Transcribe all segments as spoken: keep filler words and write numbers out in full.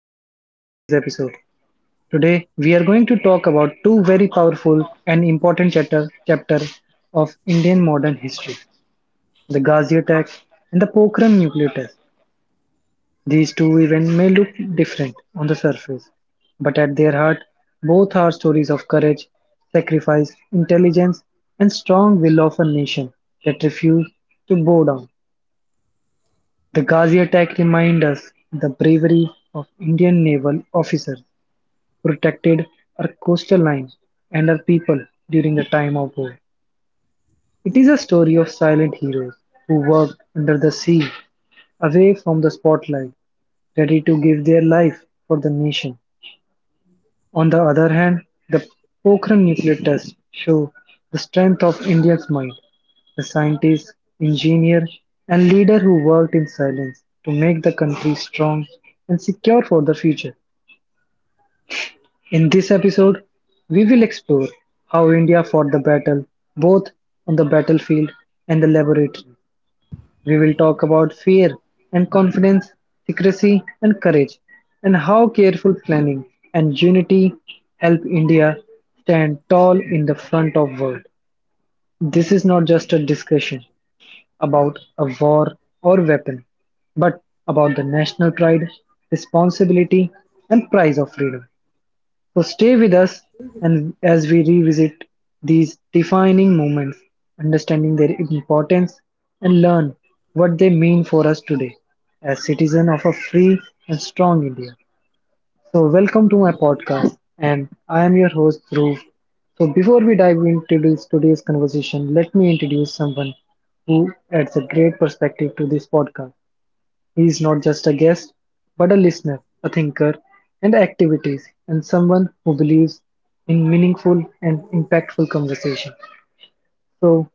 Everyone to today's episode. Today we are going to talk about two very powerful and important chapter, chapter of Indian modern history, the Ghazi attack and the Pokhran nuclear test. These two events may look different on the surface, but at their heart, both are stories of courage, sacrifice, intelligence, and strong will of a nation that refused to bow down. The Ghazi attack reminds us the bravery of Indian naval officers protected our coastal lines and our people during the time of war. It is a story of silent heroes who worked under the sea, away from the spotlight, ready to give their life for the nation. On the other hand, the Pokhran nuclear tests show the strength of India's mind, the scientist, engineer, and leader who worked in silence to make the country strong and secure for the future. In this episode, we will explore how India fought the battle, both on the battlefield and the laboratory. We will talk about fear and confidence, secrecy and courage, and how careful planning and unity help India stand tall in the front of world. This is not just a discussion about a war or weapon, but about the national pride, responsibility, and price of freedom. So stay with us and as we revisit these defining moments, understanding their importance and learn what they mean for us today as citizens of a free and strong India. So welcome to my podcast and I am your host Dhruv. So before we dive into this, today's conversation, let me introduce someone who adds a great perspective to this podcast. He is not just a guest, but a listener, a thinker, and activities, and someone who believes in meaningful and impactful conversation. So,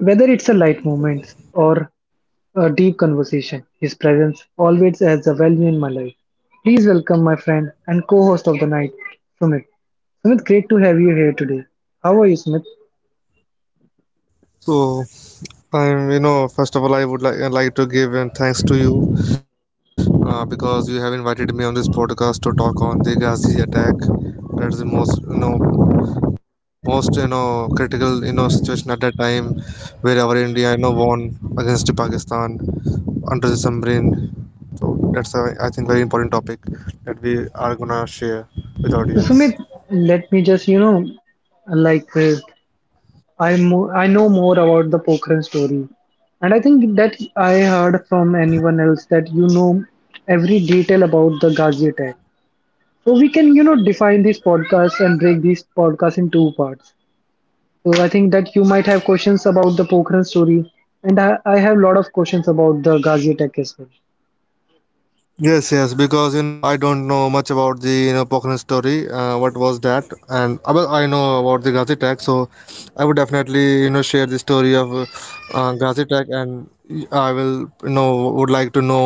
whether it's a light moment or a deep conversation, his presence always adds a value in my life. Please welcome my friend and co-host of the night, Sumit. Sumit, great to have you here today. How are you, Sumit? So I'm, you know, first of all, I would like like to give and thanks to you uh, because you have invited me on this podcast to talk on the Ghazi attack. That's the most, you know, most you know critical you know situation at that time where our India you know won against the Pakistan under the submarine. So that's a, I think very important topic that we are gonna share with audience. So, Sumit, let me just, you know, like uh, I mo- I know more about the Pokhran story, and I think that I heard from anyone else that you know every detail about the Ghazi attack. So we can you know define this podcast and break this podcast in two parts. So I think that you might have questions about the Pokhran story, and I, I have a lot of questions about the Ghazi attack as well. Yes, yes, because you know I don't know much about the you know Pokhran story. Uh, what was that? And uh, well, I know about the Ghazi attack, so I would definitely you know share the story of uh, uh, Ghazi attack, and I will you know would like to know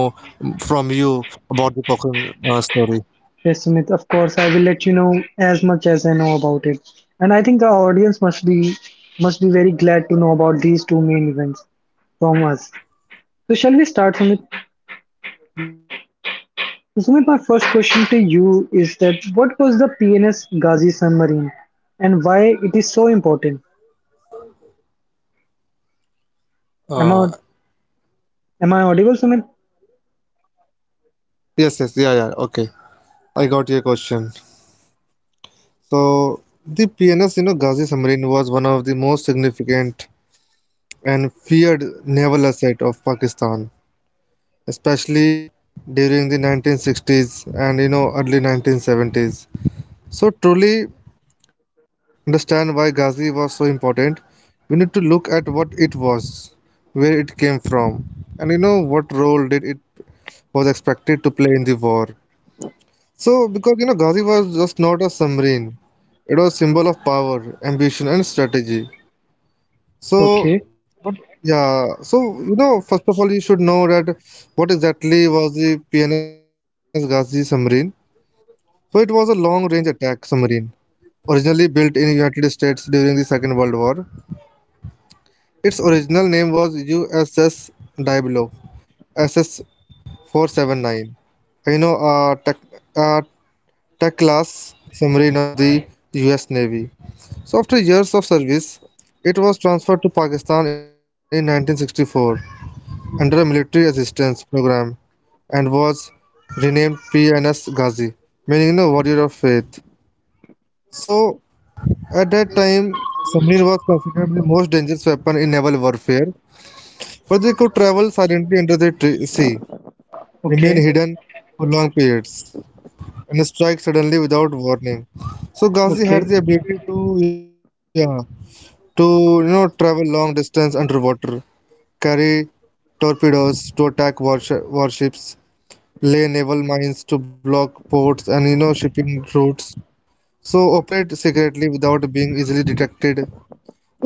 from you about the Pokhran uh, story. Yes, Sumit, of course, I will let you know as much as I know about it. And I think our audience must be must be very glad to know about these two main events from us. So shall we start, Sumit? Yes, yes, we can. So Sumit, my first question to you is that what was the P N S Ghazi submarine and why it is so important? Uh, Am I am I audible, Sumit? yes, yes, yeah, yeah. Okay, I got your question. So the P N S, you know, Ghazi submarine was one of the most significant and feared naval asset of Pakistan, especially during the nineteen sixties and you know early nineteen seventies. So truly understand why Ghazi was so important, we need to look at what it was, where it came from, and you know what role did it was expected to play in the war. So because you know Ghazi was just not a submarine, it was symbol of power, ambition, and strategy. So Okay, yeah, so you know first of all you should know that what exactly was the P N S Ghazi submarine. So it was a long-range attack submarine, originally built in United States during the Second World War. Its original name was U S S Diablo S S four seven nine, you know, a tech, a tech-class submarine of the U S Navy. So after years of service, it was transferred to Pakistan in nineteen sixty-four under a military assistance program and was renamed P N S Ghazi, meaning you know, warrior of faith. So at that time, submarine was considered the most dangerous weapon in naval warfare, for they could travel silently under the sea, remain okay, hidden for long periods, and strike suddenly without warning. So Ghazi okay, had the ability to, yeah, to you know travel long distance underwater, carry torpedoes to attack warsh- warships, lay naval mines to block ports and you know shipping routes. So operate secretly without being easily detected.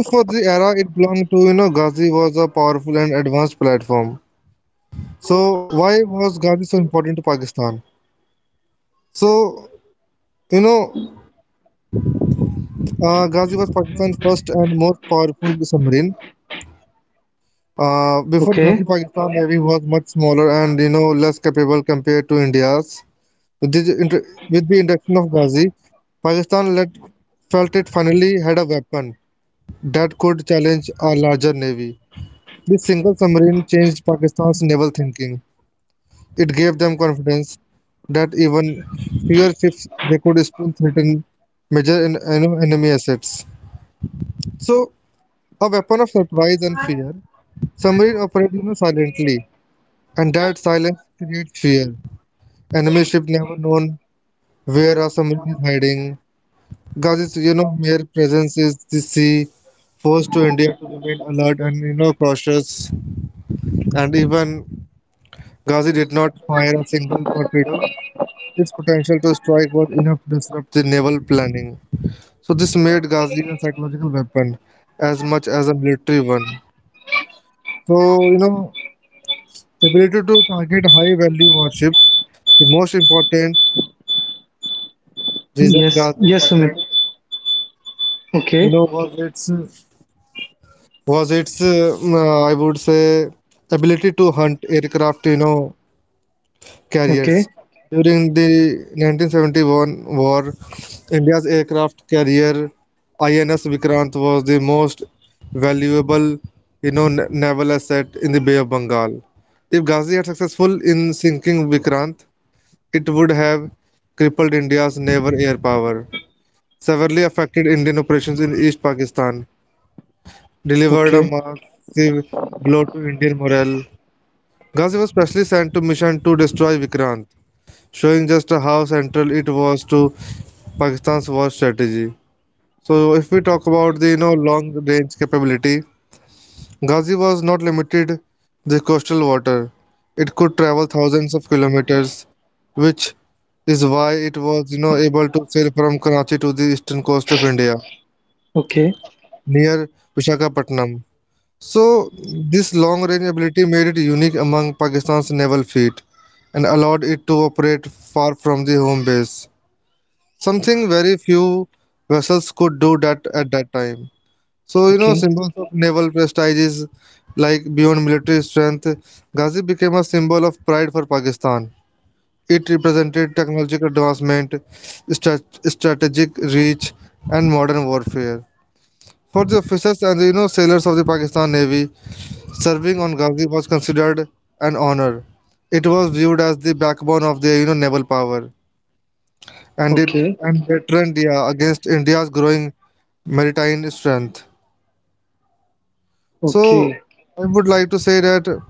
For the era it belonged to, you know, Ghazi was a powerful and advanced platform. So why was Ghazi so important to Pakistan? So you know, uh, Ghazi was Pakistan's first and most powerful submarine. Uh, before okay. Ghazi, Pakistan Navy was much smaller and you know less capable compared to India's. With the, inter- with the introduction of Ghazi, Pakistan let, felt it finally had a weapon that could challenge a larger navy. This single submarine changed Pakistan's naval thinking. It gave them confidence that even fewer ships they could still threaten major en- you know, enemy assets. So, a weapon of surprise and fear, submarine operate you know, silently, and that silence creates fear. Enemy ship never known where a submarine is hiding. Gazi's you know mere presence is the sea, forced to India to remain alert and you know cautious. And even Ghazi did not fire a single torpedo. Its potential to strike was enough to disrupt the naval planning. So this made Ghazi a psychological weapon as much as a military one. So you know, ability to target high-value warships. The most important reason Yes, Ghazi yes, Sumit. started, you Okay, know, was its was its um, uh, I would say ability to hunt aircraft. You know, carriers. okay, During the nineteen seventy-one war, India's aircraft carrier I N S Vikrant was the most valuable you know, na- naval asset in the Bay of Bengal. If Ghazi had successful in sinking Vikrant, it would have crippled India's naval air power, severely affected Indian operations in East Pakistan, delivered a okay, okay, massive blow to Indian morale. Ghazi was specially sent to mission to destroy Vikrant, showing just how central it was to Pakistan's war strategy. So, if we talk about the you know long-range capability, Ghazi was not limited the coastal water; it could travel thousands of kilometers, which is why it was you know able to sail from Karachi to the eastern coast of India okay, near Visakhapatnam. So, this long-range ability made it unique among Pakistan's naval fleet and allowed it to operate far from the home base. Something very few vessels could do that at that time. So, you know, symbols of naval prestige is like beyond military strength. Ghazi became a symbol of pride for Pakistan. It represented technological advancement, strat- strategic reach, and modern warfare. For the officers and you know sailors of the Pakistan Navy, serving on Ghazi was considered an honor. It was viewed as the backbone of their you know naval power and it okay, and that trend yeah against India's growing maritime strength. So okay. I would like to say that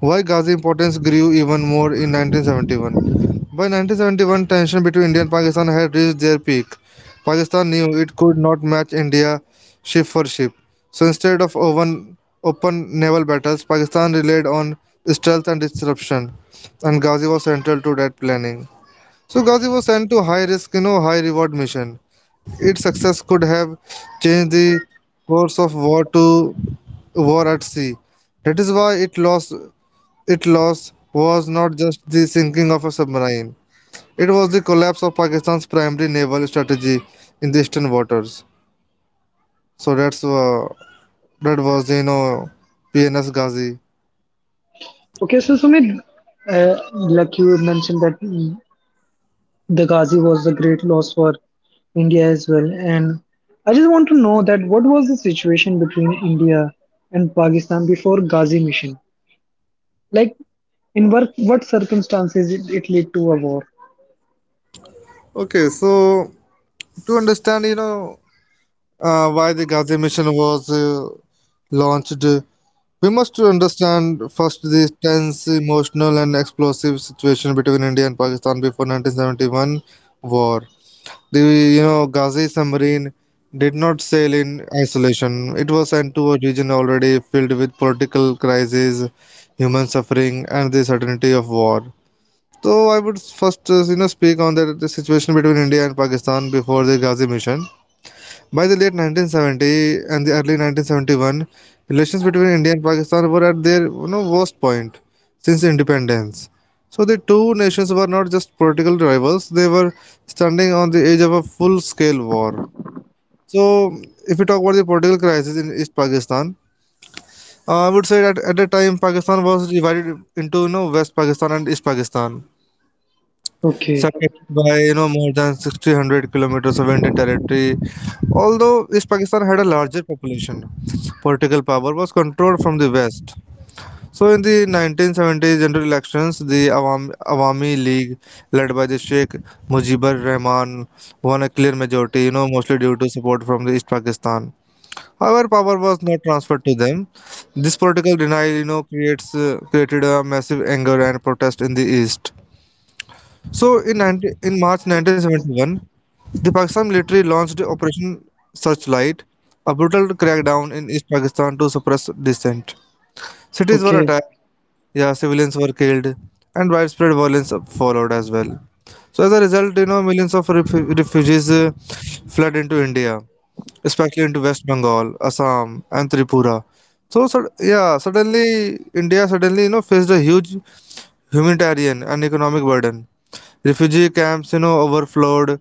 why Ghazi importance grew even more in nineteen seventy-one. By nineteen seventy-one, tension between India and Pakistan had reached their peak. Pakistan knew it could not match India ship for ship. So instead of open, open naval battles, Pakistan relied on stealth and disruption, and Ghazi was central to that planning. So Ghazi was sent to high risk, you know, high reward mission. Its success could have changed the course of war to war at sea. That is why it lost its loss was not just the sinking of a submarine. It was the collapse of Pakistan's primary naval strategy in the eastern waters. So that's uh, that was you know P N S Ghazi. Okay, so Sumit, uh, like you mentioned that the Ghazi was a great loss for India as well. And I just want to know that what was the situation between India and Pakistan before Ghazi mission? Like, in what, what circumstances it, it led to a war? Okay, so to understand you know uh, why the Ghazi mission was uh, launched, we must understand first the tense, emotional, and explosive situation between India and Pakistan before nineteen seventy-one war. The you know Ghazi submarine did not sail in isolation. It was sent to a region already filled with political crises, human suffering, and the certainty of war. So I would first uh, you know speak on the, the situation between India and Pakistan before the Ghazi mission. By the late nineteen seventy and the early nineteen seventy-one, relations between India and Pakistan were at their you know, worst point since independence. So the two nations were not just political rivals; they were standing on the edge of a full-scale war. So, if we talk about the political crisis in East Pakistan, uh, I would say that at the time Pakistan was divided into you know West Pakistan and East Pakistan, Okay, separated by you know more than one thousand six hundred kilometers of Indian territory. Although East Pakistan had a larger population, political power was controlled from the west. So in the nineteen seventy general elections, the Awam- Awami League, led by the Sheikh Mujibur Rahman, won a clear majority, you know, mostly due to support from the East Pakistan. However, power was not transferred to them. This political denial, you know, creates uh, created a massive anger and protest in the east. So in nineteen in March nineteen seventy-one, the Pakistan military launched Operation Searchlight, a brutal crackdown in East Pakistan to suppress dissent. Cities were okay, attacked, yeah, civilians were killed, and widespread violence followed as well. So as a result, you know, millions of refu- refugees uh, fled into India, especially into West Bengal, Assam, and Tripura. So, sud yeah, suddenly India suddenly you know faced a huge humanitarian and economic burden. Refugee camps you know overflowed,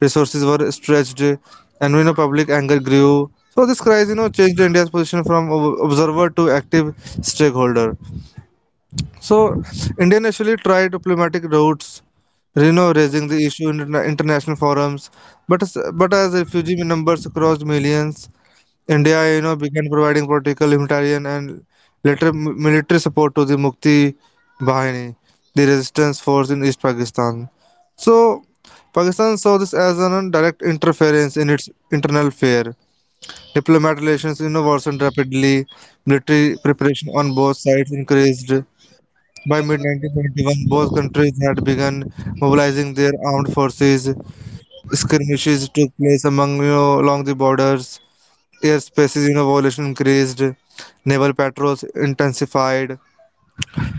resources were stretched, and you know public anger grew. So this crisis you know changed India's position from ob- observer to active stakeholder. So India initially tried diplomatic routes, you know raising the issue in interna- international forums, but as, but as refugee numbers crossed millions, India, you know, began providing political, humanitarian, and later mi- military support to the Mukti Bahini, the resistance force in East Pakistan. So, Pakistan saw this as an direct interference in its internal affair. Diplomatic relations, you know, worsened rapidly. Military preparation on both sides increased. By mid nineteen seventy-one, both countries had begun mobilizing their armed forces. Skirmishes took place among, you know, along the borders. Airspaces, you know, violation increased, naval patrols intensified.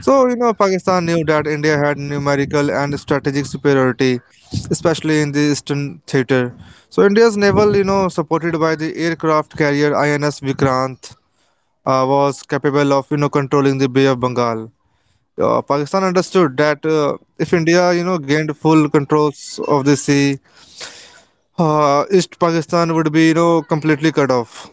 So, you know, Pakistan knew that India had numerical and strategic superiority, especially in the eastern theater. So, India's naval, you know, supported by the aircraft carrier I N S Vikrant, uh, was capable of, you know, controlling the Bay of Bengal. Uh, Pakistan understood that uh, if India, you know, gained full controls of the sea, uh, East Pakistan would be, you know, completely cut off.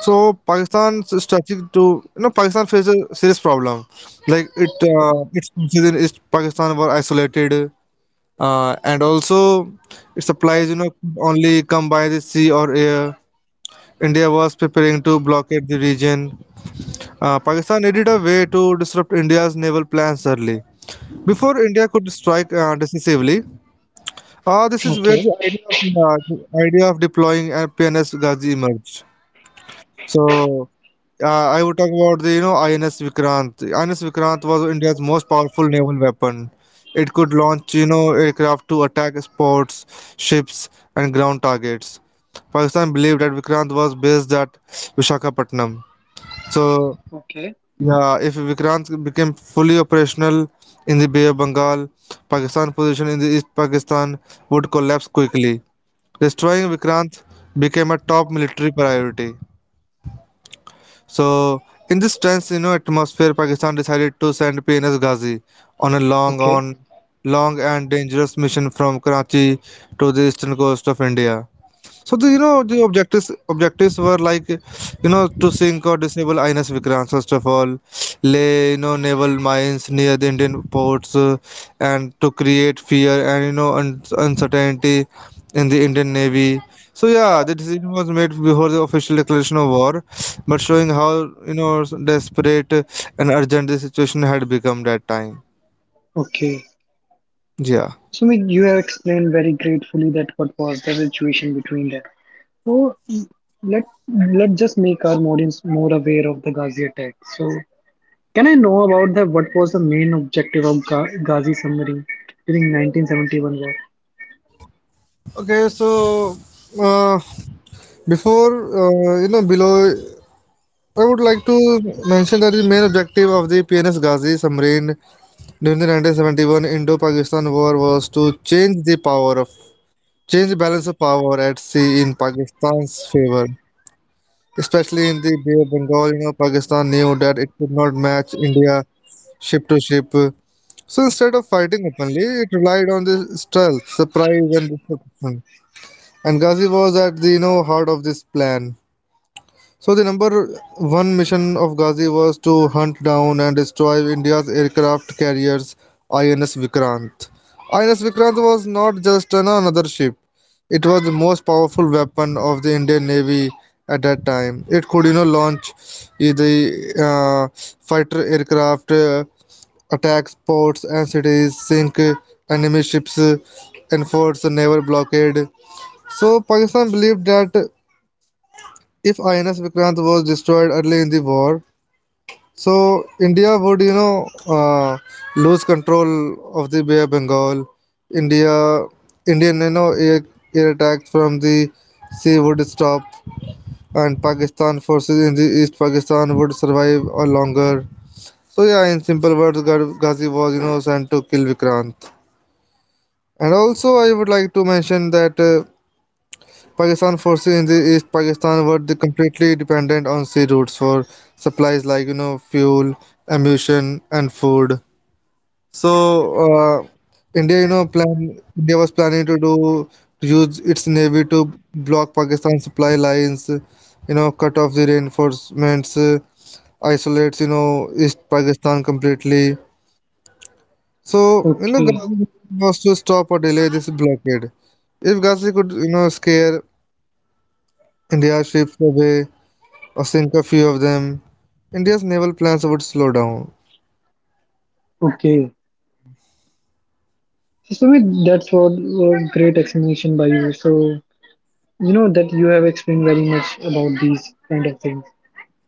So Pakistan's strategy to you know Pakistan faces a serious problem, like it uh, its forces in East Pakistan were isolated, uh, and also its supplies you know could only come by the sea or air. India was preparing to blockade the region. Uh, Pakistan needed a way to disrupt India's naval plans early before India could strike uh, decisively. Uh, this is where okay, the idea of uh, The idea of deploying uh, P N S Ghazi emerged. So Uh, I would talk about the you know I N S Vikrant. I N S Vikrant was India's most powerful naval weapon. It could launch you know aircraft to attack sports, ships, and ground targets. Pakistan believed that Vikrant was based at Vishakhapatnam. So okay, yeah, if Vikrant became fully operational in the Bay of Bengal, Pakistan's position in the East Pakistan would collapse quickly. Destroying Vikrant became a top military priority. So, in this tense, you know, atmosphere, Pakistan decided to send P N S Ghazi on a long okay, on long and dangerous mission from Karachi to the eastern coast of India. So the, you know the objectives objectives were like you know to sink or disable I N S Vikrant first of all, lay you know naval mines near the Indian ports, uh, and to create fear and you know un- uncertainty in the Indian Navy. So yeah, the decision was made before the official declaration of war, but showing how you know desperate and urgent the situation had become that time. okay. Yeah. So like, you have explained very gratefully that what was the situation between them. So let let just make our audience more aware of the Ghazi attack. So can I know about the what was the main objective of Ga- Ghazi submarine during nineteen seventy-one war? Okay, so uh, before uh, you know below I would like to mention that the main objective of the P N S Ghazi submarine during the nineteen seventy-one Indo-Pakistan War was to change the power of change the balance of power at sea in Pakistan's favor, especially in the Bay of Bengal. You know, Pakistan knew that it could not match India ship to ship, so instead of fighting openly, it relied on the stealth, surprise, and disruption. And Ghazi was at the you know heart of this plan. So the number one mission of Ghazi was to hunt down and destroy India's aircraft carriers I N S Vikrant. I N S Vikrant was not just an- another ship; it was the most powerful weapon of the Indian Navy at that time. It could, you know, launch I- the uh, fighter aircraft, uh, attack ports and cities, sink uh, enemy ships, uh, enforce a naval blockade. So Pakistan believed that if I N S Vikrant was destroyed early in the war, so India would, you know, uh, lose control of the Bay of Bengal. India, Indian, you know, air, air attacks from the sea would stop, and Pakistan forces in the East Pakistan would survive or longer. So yeah, in simple words, Ghazi was, you know, sent to kill Vikrant. And also, I would like to mention that. Uh, Pakistan forces in the East Pakistan were de- completely dependent on sea routes for supplies like you know fuel, ammunition, and food. So uh, India, you know, plan India was planning to do to use its navy to block Pakistan supply lines, you know, cut off the reinforcements, uh, isolates you know East Pakistan completely. So you know, Okay, government was to stop or delay this blockade. If Ghazi could, you know, scare India's ships away, or sink a few of them. India's naval plans would slow down. okay. So Sumit, that's what was great explanation by you. So you know that you have explained very much about these kind of things.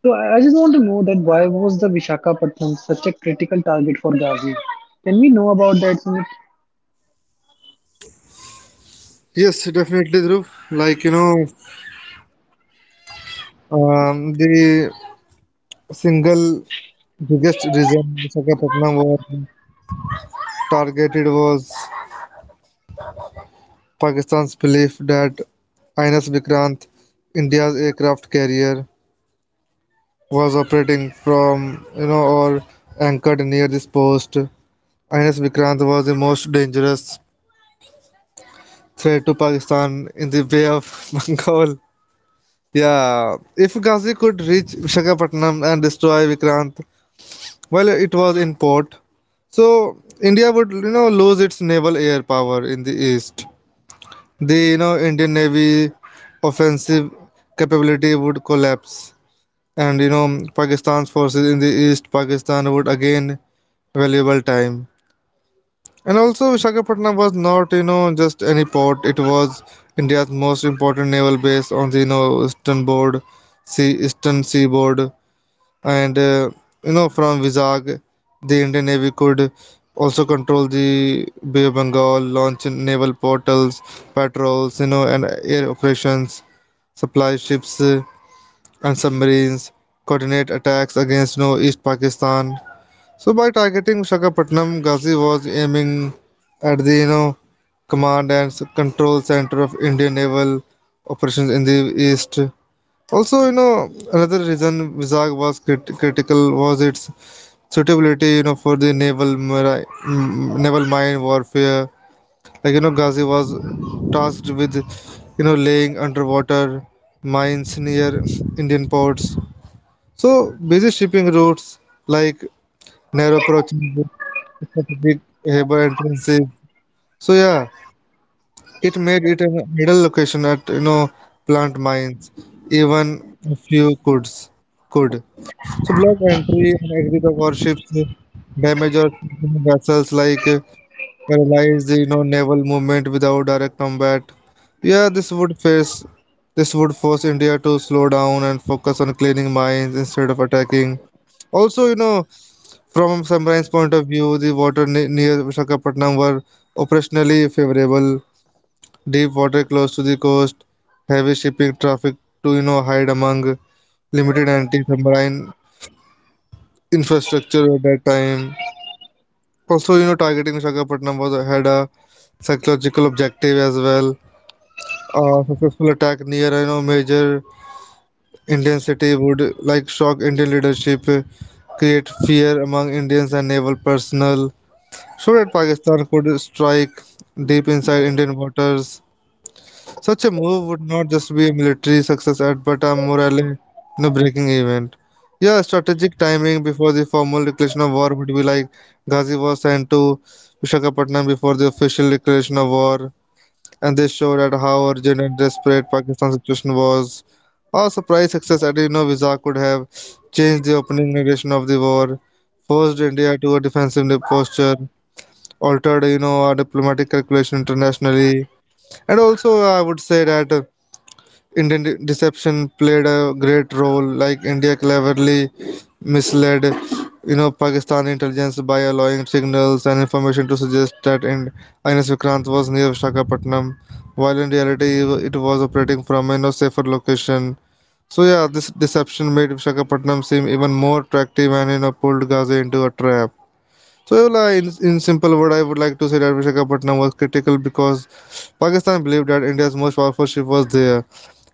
So I I just want to know that why was the Vishakhapatnam such a critical target for Ghazi? Can we know about that, Sumit? Yes, definitely, Dhruv. Like, you know, um, the single biggest reason Visakhapatnam was targeted was Pakistan's belief that I N S Vikrant, India's aircraft carrier, was operating from, you know, or anchored near this post. I N S Vikrant was the most dangerous threat to Pakistan in the Bay of Bengal. Yeah, if Ghazi could reach Visakhapatnam and destroy Vikrant while it was in port, so India would you know lose its naval air power in the east. The you know Indian Navy offensive capability would collapse, and you know Pakistan's forces in the east Pakistan would again valuable time. And also, Visakhapatnam was not, you know, just any port. It was India's most important naval base on the, you know, eastern board, sea, eastern seaboard. And, uh, you know, from Vizag, the Indian Navy could also control the Bay of Bengal, launch naval portals, patrols, you know, and air operations, supply ships, uh, and submarines, coordinate attacks against, you know, East Pakistan. So by targeting Visakhapatnam, Ghazi was aiming at the you know command and control center of Indian naval operations in the east. Also, you know, another reason Vizag was crit- critical was its suitability you know for the naval mari- mm, naval mine warfare. Like you know Ghazi was tasked with you know laying underwater mines near Indian ports. So busy shipping routes like narrow approaches such a big harbor entrances. So yeah, it made it an ideal location at you know plant mines, even a few coulds could. So block entry and exit of warships, damage or vessels like, uh, paralyzed you know naval movement without direct combat. Yeah, this would face this would force India to slow down and focus on cleaning mines instead of attacking. Also, you know, from Samrai's point of view, the water ne- near Visakhapatnam were operationally favorable. Deep water close to the coast, heavy shipping traffic to you know hide among limited anti-submarine infrastructure at that time. Also, you know, targeting Visakhapatnam was had a psychological objective as well. A successful attack near you know major Indian city would like shock Indian leadership, create fear among Indians and naval personnel. Should Pakistan could strike deep inside Indian waters, such a move would not just be a military success at but a morale no breaking event. Yeah, strategic timing before the formal declaration of war would be like Ghazi was sent to Visakhapatnam before the official declaration of war, and this showed at how urgent and desperate Pakistan's situation was. Our surprise success at you know Vizag could have changed the opening narration of the war, forced India to a defensive posture, altered you know our diplomatic calculation internationally. And also I would say that, uh, Indian de- deception played a great role. Like India cleverly misled you know Pakistan intelligence by allowing signals and information to suggest that in INS Vikrant was near Visakhapatnam, while in reality it was operating from a you know, safer location. So yeah, this deception made Visakhapatnam seem even more attractive and you know pulled Gaza into a trap. So, Yola, in, in simple word, I would like to say that Visakhapatnam was critical because Pakistan believed that India's most powerful ship was there.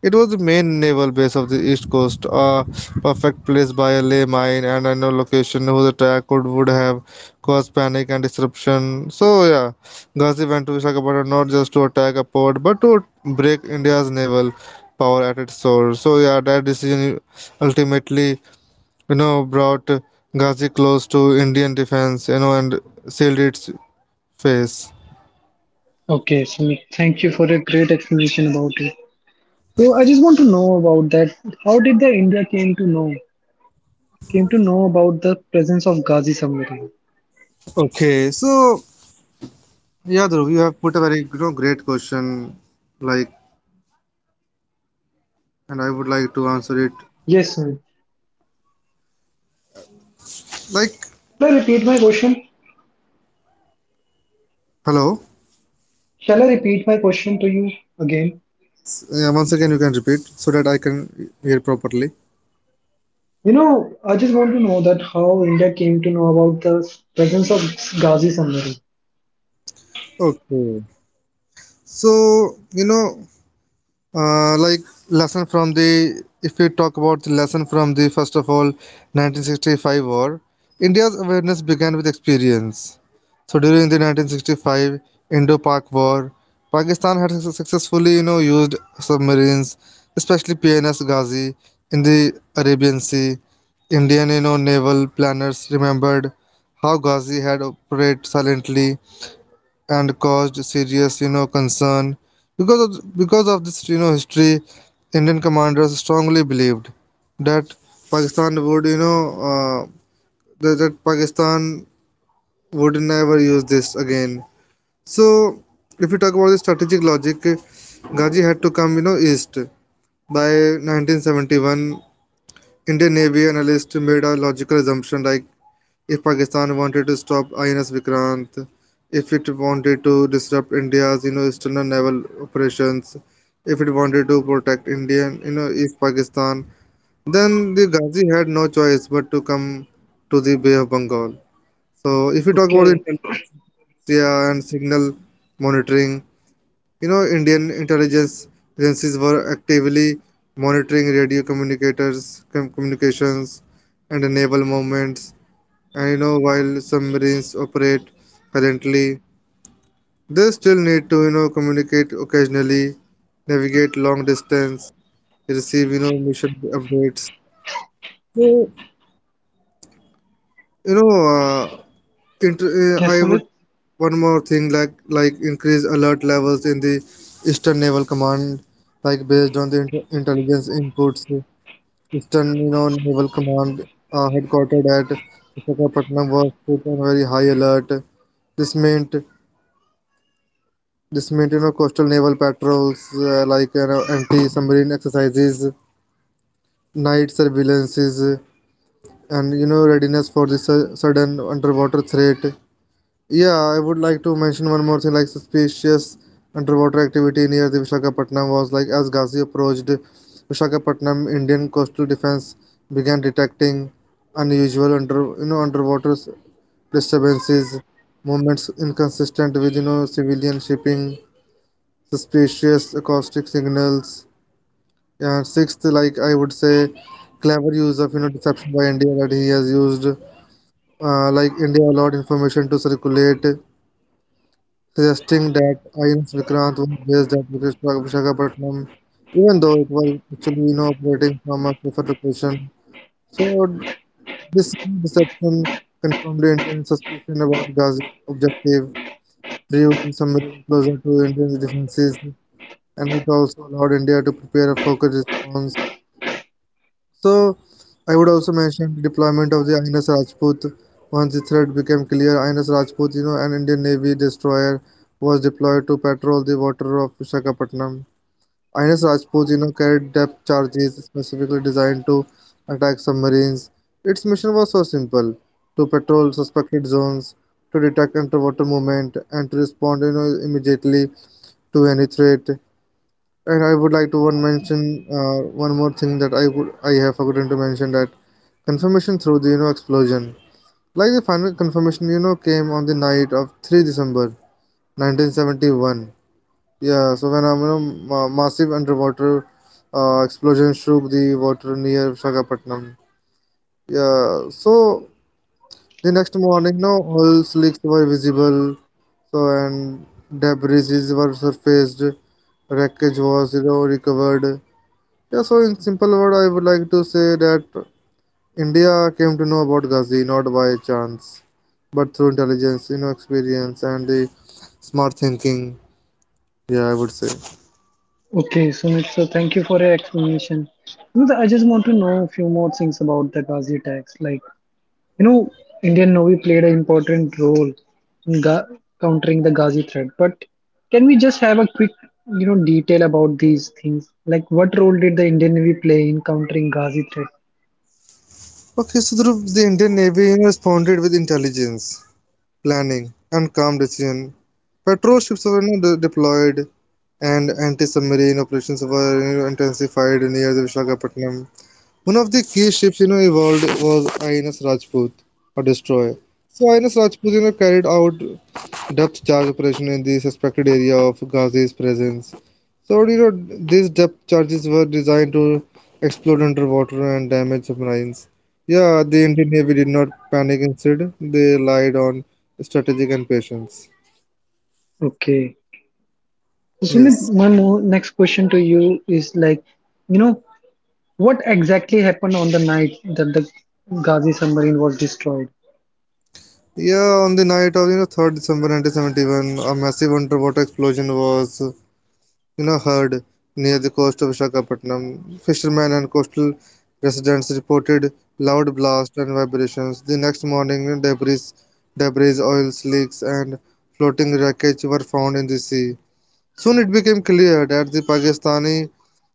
It was the main naval base of the East Coast, a perfect place by a lay mine and a no location whose attack could would have caused panic and disruption. So yeah, Ghazi went to Visakhapatnam not just to attack a port but to break India's naval power at its source. So yeah, that decision ultimately, you know, brought Ghazi close to Indian defense, you know, and sealed its face. Okay, Sumit, thank you for a great explanation about it. So I just want to know about that. How did the India came to know came to know about the presence of Ghazi submarine. Okay, so yeah, Dhruv, you have put a very you know great question, like, and I would like to answer it. Yes, Sunil. Like, Shall I repeat my question? hello. Shall I repeat my question to you again? Yeah, once again, you can repeat so that I can hear properly. You know, I just want to know that how India came to know about the presence of Ghazi submarine. Okay. So you know, Uh, like lesson from the if we talk about the lesson from the first of all nineteen sixty-five war, India's awareness began with experience. So during the nineteen sixty-five Indo-Pak war, Pakistan had suc- successfully you know used submarines, especially PNS Ghazi, in the Arabian Sea. Indian you know naval planners remembered how Ghazi had operated silently and caused serious you know concern. Because of because of this you know history, Indian commanders strongly believed that Pakistan would you know uh, that, that Pakistan would never use this again. So if you talk about the strategic logic, Ghazi had to come you know east. By nineteen seventy-one, Indian navy analyst made a logical assumption like if Pakistan wanted to stop I N S Vikrant, if it wanted to disrupt India's you know external naval operations, if it wanted to protect Indian you know East Pakistan, then the Ghazi had no choice but to come to the Bay of Bengal. So if we talk about Okay. the intelligence and signal monitoring, you know Indian intelligence agencies were actively monitoring radio communicators com- communications and naval movements. And you know, while submarines operate currently, they still need to you know communicate occasionally, navigate long distance, receive you know mission updates. So you know, uh, inter- uh, Yes, I would Sumit. one more thing like like increase alert levels in the Eastern Naval Command, like based on the inter- intelligence inputs. Eastern you know Naval Command, uh, headquartered at Visakhapatnam, was put on very high alert. This meant This maintains coastal naval patrols, uh, like you know, anti-submarine exercises, night surveillances, and you know readiness for the su- sudden underwater threat. Yeah, I would like to mention one more thing like suspicious underwater activity near the Visakhapatnam was like as Ghazi approached Visakhapatnam, Indian coastal defense began detecting unusual under you know underwater s- disturbances, movements inconsistent with you know civilian shipping suspicious acoustic signals. And sixth, like I would say, clever use of you know deception by India that he has used, uh, like India allowed information to circulate, suggesting that I N S Vikrant was based at Vikas- Visakhapatnam, even though it was actually you know operating from a safer location. So this deception confirmed Indian suspicion about Ghazi's objective, bringing some closer to Indian defenses, and it also allowed India to prepare a focused response. So I would also mention the deployment of the I N S Rajput. Once the threat became clear, I N S Rajput, you know, an Indian Navy destroyer, was deployed to patrol the water of Visakhapatnam. I N S Rajput, you know, carried depth charges specifically designed to attack submarines. Its mission was so simple: to patrol suspected zones, to detect underwater movement, and to respond, you know, immediately to any threat. And I would like to one mention uh, one more thing that I would I have forgotten to mention, that confirmation through the you know explosion. Like the final confirmation you know came on the night of 3 December nineteen seventy-one. Yeah, so when a you know, ma- massive underwater uh, explosion shook the water near Visakhapatnam. Yeah, so the next morning, no all slicks were visible. So and debris is were surfaced, wreckage was you know recovered. Yeah, so in simple word, I would like to say that India came to know about Ghazi not by chance, but through intelligence, you know, experience and the smart thinking. Yeah, I would say. Okay, Sumit. So thank you for your explanation. You know, I just want to know a few more things about the Ghazi tax. Like, you know, Indian Navy played an important role in ga- countering the Ghazi threat. But can we just have a quick, you know, detail about these things? Like, what role did the Indian Navy play in countering Ghazi threat? Okay, so Dhruv, the Indian Navy you know, responded with intelligence, planning, and calm decision. Patrol ships were you know, de- deployed, and anti-submarine operations were you know, intensified near the Visakhapatnam. One of the key ships you know evolved was I N S Rajput, a destroyer. So I N S Rajput you know carried out depth charge operation in the suspected area of Ghazi's presence. So you know these depth charges were designed to explode underwater and damage submarines. Yeah, the Indian Navy did not panic, instead they relied on strategic and patience. Okay. So Sumit, Yes. my mo- next question to you is like, you know, what exactly happened on the night that the Ghazi submarine was destroyed? Yeah, on the night of you know 3rd December nineteen seventy-one, a massive underwater explosion was, You know, heard near the coast of Visakhapatnam. Fishermen and coastal residents reported loud blasts and vibrations. The next morning, debris, debris, oil slicks, and floating wreckage were found in the sea. Soon it became clear that the Pakistani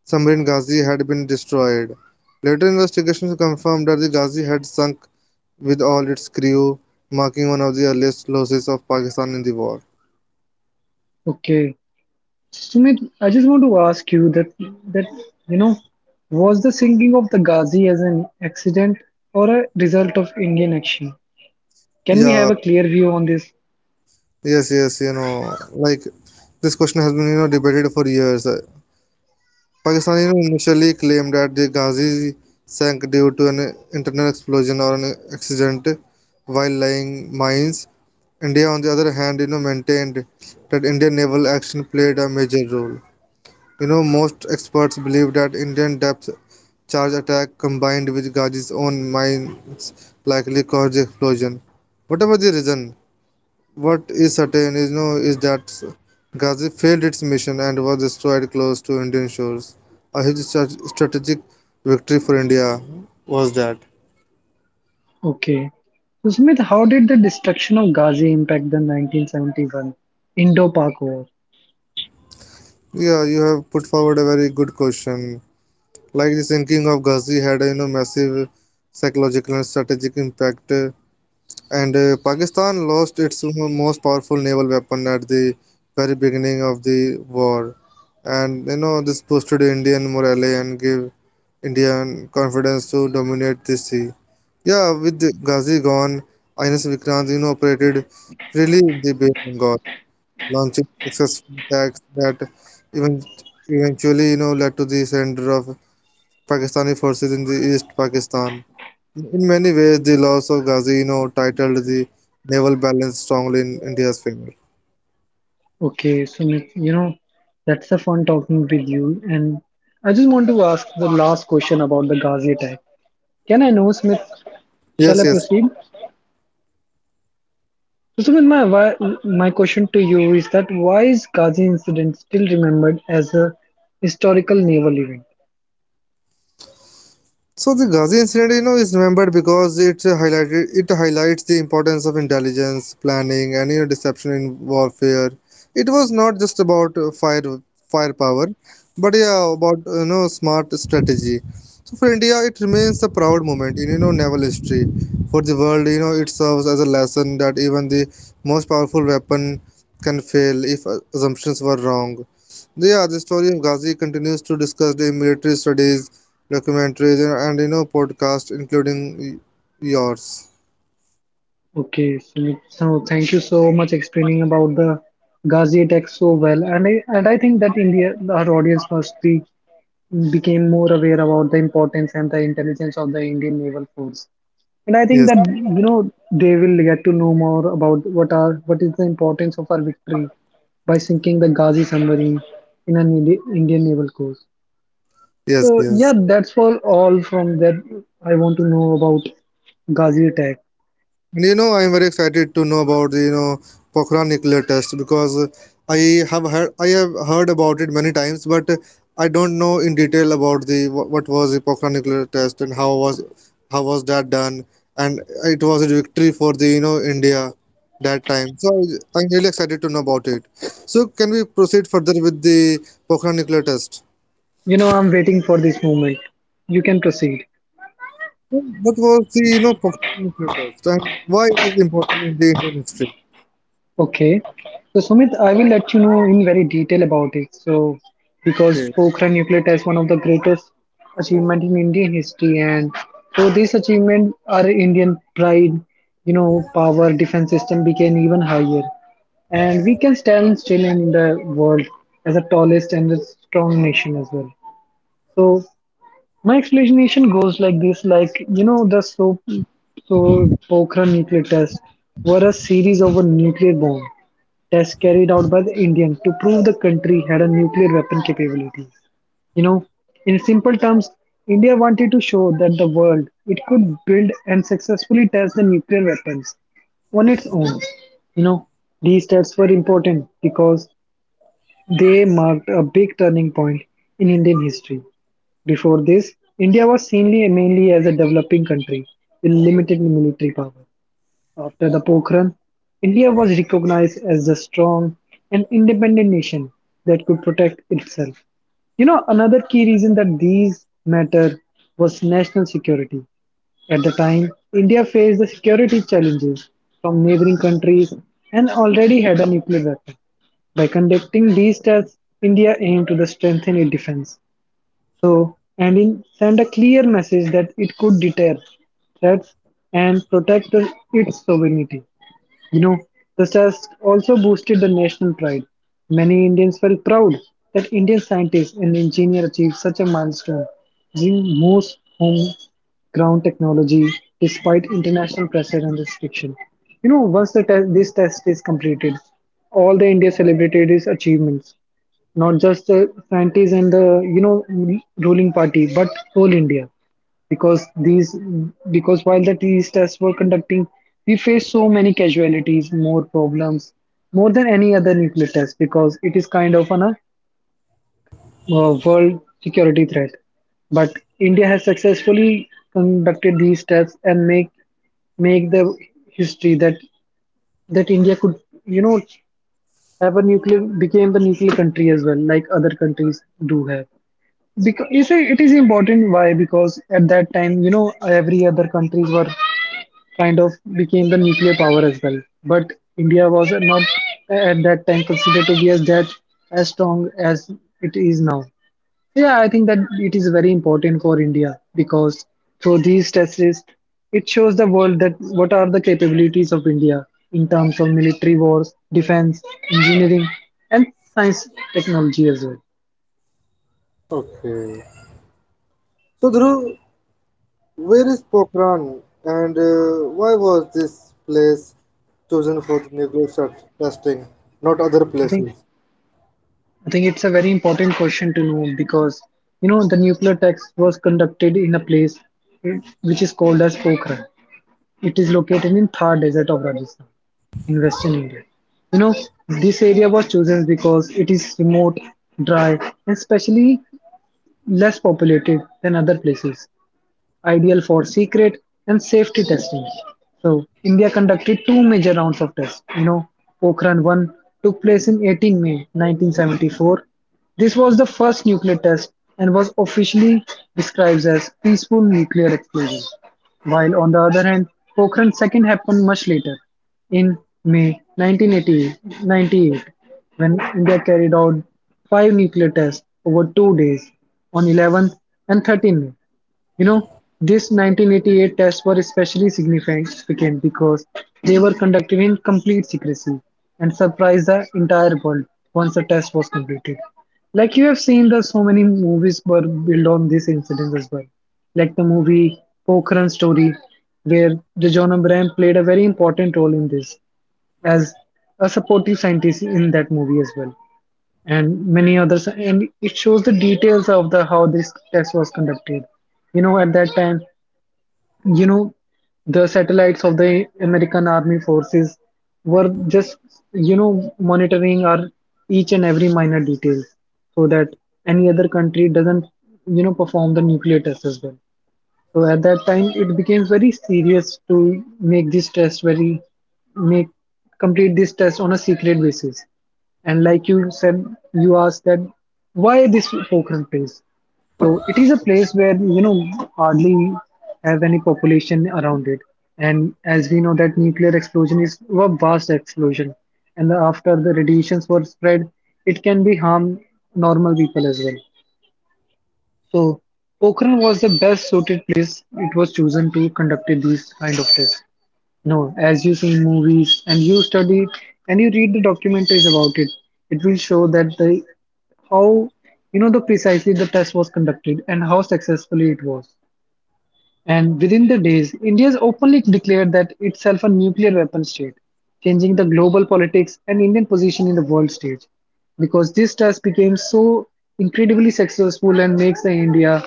submarine Ghazi had been destroyed. Later investigations confirmed that the Ghazi had sunk with all its crew, marking one of the earliest losses of Pakistan in the war. Okay. Sumit, I just want to ask you that that you know, was the sinking of the Ghazi as an accident or a result of Indian action? Can we Yeah, have a clear view on this? Yes, yes, you know, like this question has been, you know, debated for years. Uh, Pakistan, you know, initially claimed that the Ghazi sank due to an internal explosion or an accident while laying mines. India, on the other hand, you know, maintained that Indian naval action played a major role. You know, most experts believe that Indian depth charge attack combined with Ghazi's own mines likely caused the explosion. Whatever the reason, what is certain is no is that Ghazi failed its mission and was destroyed close to Indian shores. A huge stra- strategic victory for India was that. Okay. So Sumit, how did the destruction of Ghazi impact the nineteen seventy-one Indo-Pak War? Yeah, you have put forward a very good question. Like the sinking of Ghazi had a you know, massive psychological and strategic impact. Uh, And uh, Pakistan lost its most powerful naval weapon at the very beginning of the war. And you know, this boosted Indian morale and gave Indian confidence to dominate the sea. Yeah, with Ghazi gone, I N S Vikrant you know, operated freely in the Bay of Bengal, launching successful attacks that even eventually you know led to the surrender of Pakistani forces in the East Pakistan. In many ways, the loss of Ghazi Eno titled the naval balance strongly in India's favor. Okay, Sumit, you know, that's the fun talking with you. And I just want to ask the last question about the Ghazi attack. Can I know, Smith? Shall Yes, I yes. proceed? So, Sumit, my, why, my question to you is that why is Ghazi incident still remembered as a historical naval event? So the Ghazi incident, you know, is remembered because it highlighted it highlights the importance of intelligence, planning, and you know, deception in warfare. It was not just about uh, fire firepower, but yeah, about you know, smart strategy. So for India, it remains a proud moment in you know naval history. For the world, you know, it serves as a lesson that even the most powerful weapon can fail if uh, assumptions were wrong. Yeah, the story of Ghazi continues to discuss the military studies, documentaries, and you know podcasts, including y- yours. Okay, Sumit, so thank you so much explaining about the Ghazi attack so well, and I and I think that India, our audience must be became more aware about the importance and the intelligence of the Indian naval force. And I think Yes, that you know they will get to know more about what are what is the importance of our victory by sinking the Ghazi submarine in an Indi- Indian naval coast. yes. So Yes, yeah, that's for all from that. I want to know about Ghazi attack. and you know, I am very excited to know about the you know Pokhran nuclear test, because uh, i have heard I have heard about it many times, but uh, I don't know in detail about the wha- what was the Pokhran nuclear test and how was how was that done, and it was a victory for the you know India that time. So I- I'm really excited to know about it. So can we proceed further with the Pokhran nuclear test? You know, I'm waiting for this moment. You can proceed. What was the you know performance you test and why it is important in the Indian history? Okay. So Sumit, I will let you know in very detail about it. So because Okay. Pokhran nuclear test one of the greatest achievement in Indian history, and so this achievement our Indian pride, you know, power defense system became even higher and we can stand still in the world as the tallest and the strong nation as well. So my explanation goes like this, like you know the so so Pokhran nuclear tests were a series of a nuclear bomb tests carried out by the Indians to prove the country had a nuclear weapon capability. You know, in simple terms, India wanted to show that the world it could build and successfully test the nuclear weapons on its own. You know, these tests were important because they marked a big turning point in Indian history. Before this, India was seen li- mainly as a developing country with limited military power. After the Pokhran, India was recognized as a strong and independent nation that could protect itself. You know, another key reason that these matter was national security. At the time, India faced the security challenges from neighboring countries and already had a nuclear weapon. By conducting these tests, India aimed to strengthen its defense, so and in send a clear message that it could deter threats and protect its sovereignty. You know, the test also boosted the national pride. Many Indians felt proud that Indian scientists and engineers achieved such a milestone using most home ground technology despite international pressure and restriction. You know, once the test, this test is completed, all the India celebrated its achievements not just the scientists and the you know ruling party, but whole India. Because these because while the these tests were conducting, we faced so many casualties, more problems, more than any other nuclear test because it is kind of an, a uh, world security threat. But India has successfully conducted these tests and make make the history that that India could you know have a nuclear became the nuclear country as well like other countries do have. Because you see, it is important. Why? Because at that time, you know, every other countries were kind of became the nuclear power as well. But India was not at that time considered to be as that as strong as it is now. Yeah, I think that it is very important for India because through these tests, it shows the world that what are the capabilities of India in terms of military wars, defense, engineering, and science technology as well. Okay. So, Dhruv, where is Pokhran and uh, why was this place chosen for the nuclear test- testing, not other I think. places? I think it's a very important question to know because you know the nuclear test was conducted in a place eh, which is called as Pokhran. It is located in Thar Desert of Rajasthan in Western India. You know this area was chosen because it is remote, dry, and especially less populated than other places ideal for secret and safety testing. So India conducted two major rounds of tests. You know, Pokhran one took place in eighteenth of May nineteen seventy-four. This was the first nuclear test and was officially described as peaceful nuclear explosion. While on the other hand, Pokhran second happened much later in May nineteen ninety-eight, when India carried out five nuclear tests over two days, on eleventh and thirteenth May. You know, this nineteen eighty-eight tests were especially significant because they were conducted in complete secrecy and surprised the entire world once the test was completed. Like you have seen, the so many movies were built on this incident as well. Like the movie Pokhran Story, where Rajan Abraham played a very important role in this as a supportive scientist in that movie as well, and many others. And it shows the details of the how this test was conducted you know at that time. you know the satellites of the American army forces were just you know monitoring our each and every minor detail, so that any other country doesn't you know perform the nuclear test as well. So at that time, it became very serious to make this test very make complete this test on a secret basis. And like you said, you asked that why this Pokhran place? So it is a place where you know hardly have any population around it, and as we know that nuclear explosion is a vast explosion, and after the radiations were spread, it can be harm normal people as well. So Pokhran was the best suited place it was chosen to conduct these kind of tests. No, as you see in movies and you study and you read the documentaries about it, it will show that the how you know the precisely the test was conducted and how successfully it was. And within the days, India has openly declared that itself a nuclear weapon state, changing the global politics and Indian position in the world stage. Because this task became so incredibly successful and makes the India,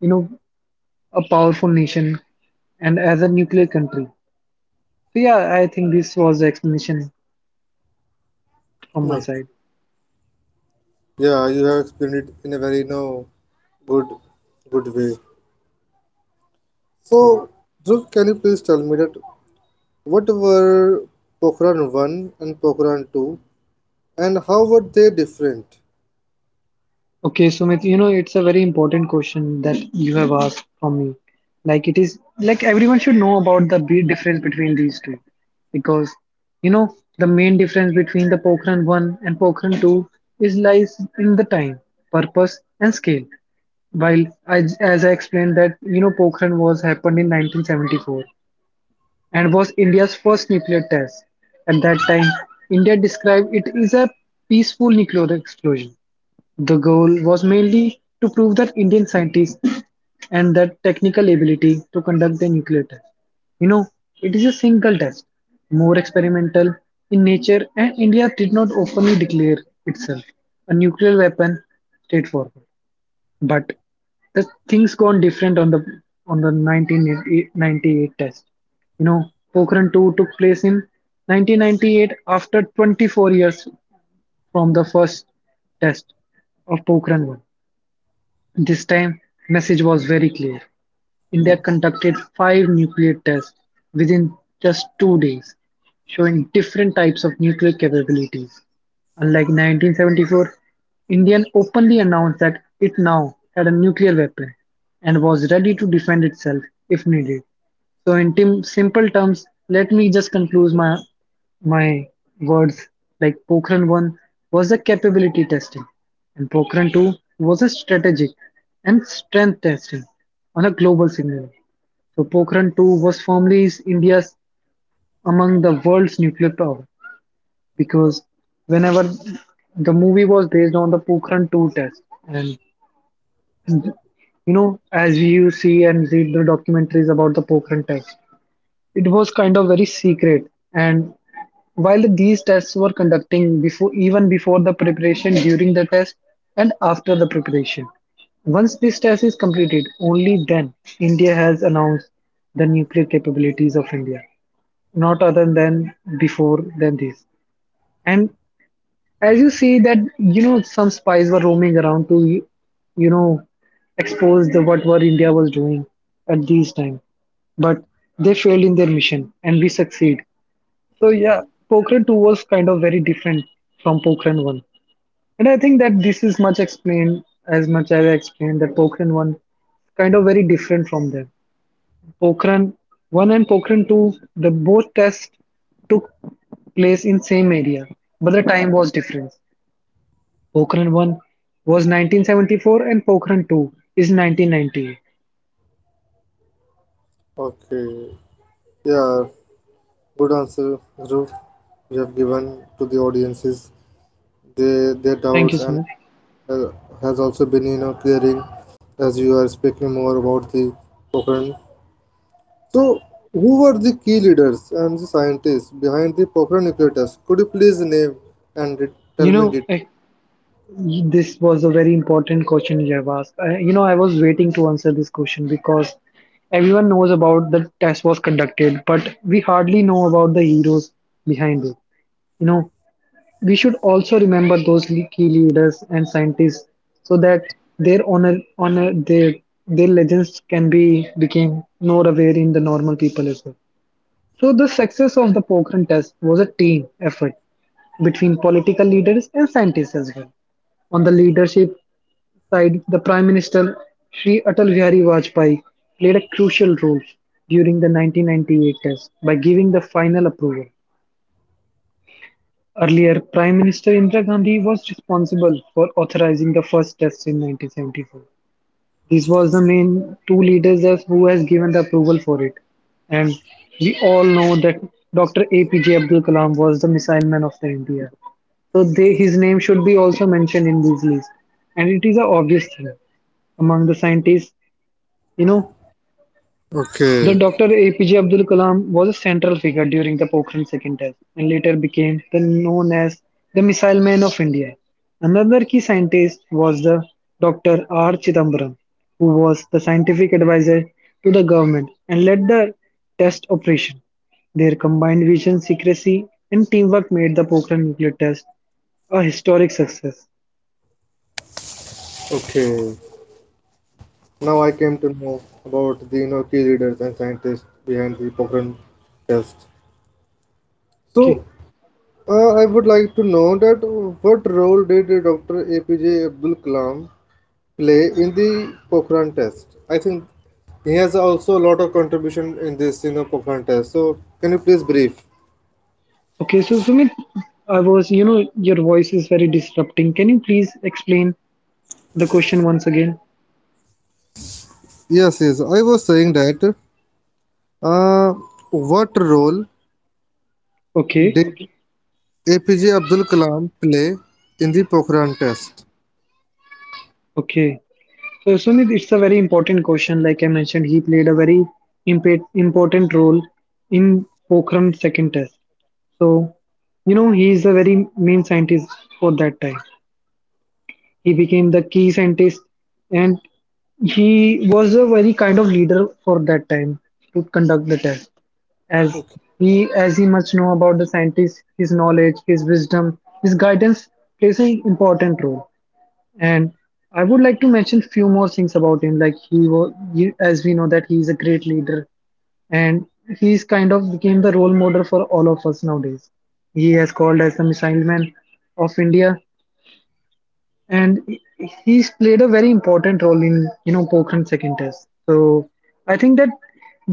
you know, a powerful nation and as a nuclear country. So yeah, I think this was the explanation from my No. side. Yeah, you have explained it in a very no good good way. Hmm. So, Dhruv, can you please tell me that what were Pokhran one and Pokhran two and how were they different? Okay, Sumit, you know, it's a very important question that you have asked from me. Like, it is like everyone should know about the big difference between these two, because you know, the main difference between the Pokhran one and Pokhran two is lies in the time, purpose, and scale. While I, as I explained that you know, Pokhran was happened in nineteen seventy-four and was India's first nuclear test. At that time, India described it is a peaceful nuclear explosion. The goal was mainly to prove that Indian scientists and their technical ability to conduct the nuclear test. You know, it is a single test, more experimental in nature, and India did not openly declare itself a nuclear weapon straightforward. But the things gone different on the on the nineteen ninety-eight test. You know, Pokhran two took place in nineteen ninety-eight after twenty-four years from the first test of Pokhran one. This time, message was very clear. India conducted five nuclear tests within just two days, showing different types of nuclear capabilities. Unlike nineteen seventy-four, India openly announced that it now had a nuclear weapon and was ready to defend itself if needed. So, in tim- simple terms, let me just conclude my my words, like Pokhran one was a capability testing and Pokhran two was a strategic and strength testing on a global signal. So Pokhran two was formerly India's among the world's nuclear power, because whenever the movie was based on the Pokhran two test and you know as you see and read the documentaries about the Pokhran test, it was kind of very secret. And while these tests were conducting before, even before the preparation, during the test, and after the preparation. Once this test is completed, only then India has announced the nuclear capabilities of India, not other than before than this. And as you see that you know some spies were roaming around to you know expose the what were India was doing at this time, but they failed in their mission and we succeed. So yeah, Pokhran two was kind of very different from Pokhran one. And I think that this is much explained as much as I explained that Pokhran one kind of very different from them. Pokhran one and Pokhran two, the both tests took place in same area, but the time was different. Pokhran one was nineteen seventy-four and Pokhran two is nineteen ninety-eight. Okay. Yeah, good answer, Dhruv. You have given to the audiences their their Thank you, doubts, and Sumit. uh, has also been you know clearing as you are speaking more about the Pokhran. So, who were the key leaders and the scientists behind the Pokhran nuclear test? Could you please name and re- tell You me know, details? I, This was a very important question you have asked. I, you know, I was waiting to answer this question because everyone knows about the test was conducted, but we hardly know about the heroes behind it. You know, we should also remember those le- key leaders and scientists, so that their honor, honor, their their legends can be became more aware in the normal people as well. So the success of the Pokhran test was a team effort between political leaders and scientists as well. On the leadership side, the Prime Minister Shri Atal Bihari Vajpayee played a crucial role during the nineteen ninety-eight test by giving the final approval. Earlier, Prime Minister Indira Gandhi was responsible for authorizing the first test in nineteen seventy-four. This was the main two leaders as who has given the approval for it. And we all know that Doctor A P J Abdul Kalam was the missile man of the India. So they, his name should be also mentioned in this list. And it is an obvious thing among the scientists, you know, the Okay. Doctor A P J Abdul Kalam was a central figure during the Pokhran second test and later became the known as the Missile Man of India. Another key scientist was the Doctor R. Chidambaram, who was the scientific advisor to the government and led the test operation. Their combined vision, secrecy, and teamwork made the Pokhran nuclear test a historic success. Okay, now I came to know about the you know, key leaders and scientists behind the Pokhran test. Okay, So, Uh, I would like to know that what role did Doctor A P J Abdul Kalam play in the Pokhran test? I think he has also a lot of contribution in this, you know, Pokhran test. So can you please brief? okay. So Sumit, I was, you know, your voice is very disrupting. Can you please explain the question once again? Yes, yes. I was saying that. Uh, what role Okay, did A P J Abdul Kalam play in the Pokhran test? okay. So Sunit, it's a very important question. Like I mentioned, he played a very impa- important role in Pokhran's second test. So you know he is a very main scientist for that time. He became the key scientist, and he was a very kind of leader for that time to conduct the test. As Okay. he, as he much know about the scientist, his knowledge, his wisdom, his guidance plays an important role. And I would like to mention few more things about him. Like he was, as we know, that he is a great leader, and he's kind of became the role model for all of us nowadays. He has called as the missile man of India, and he- he's played a very important role in you know Pokhran second test. So I think that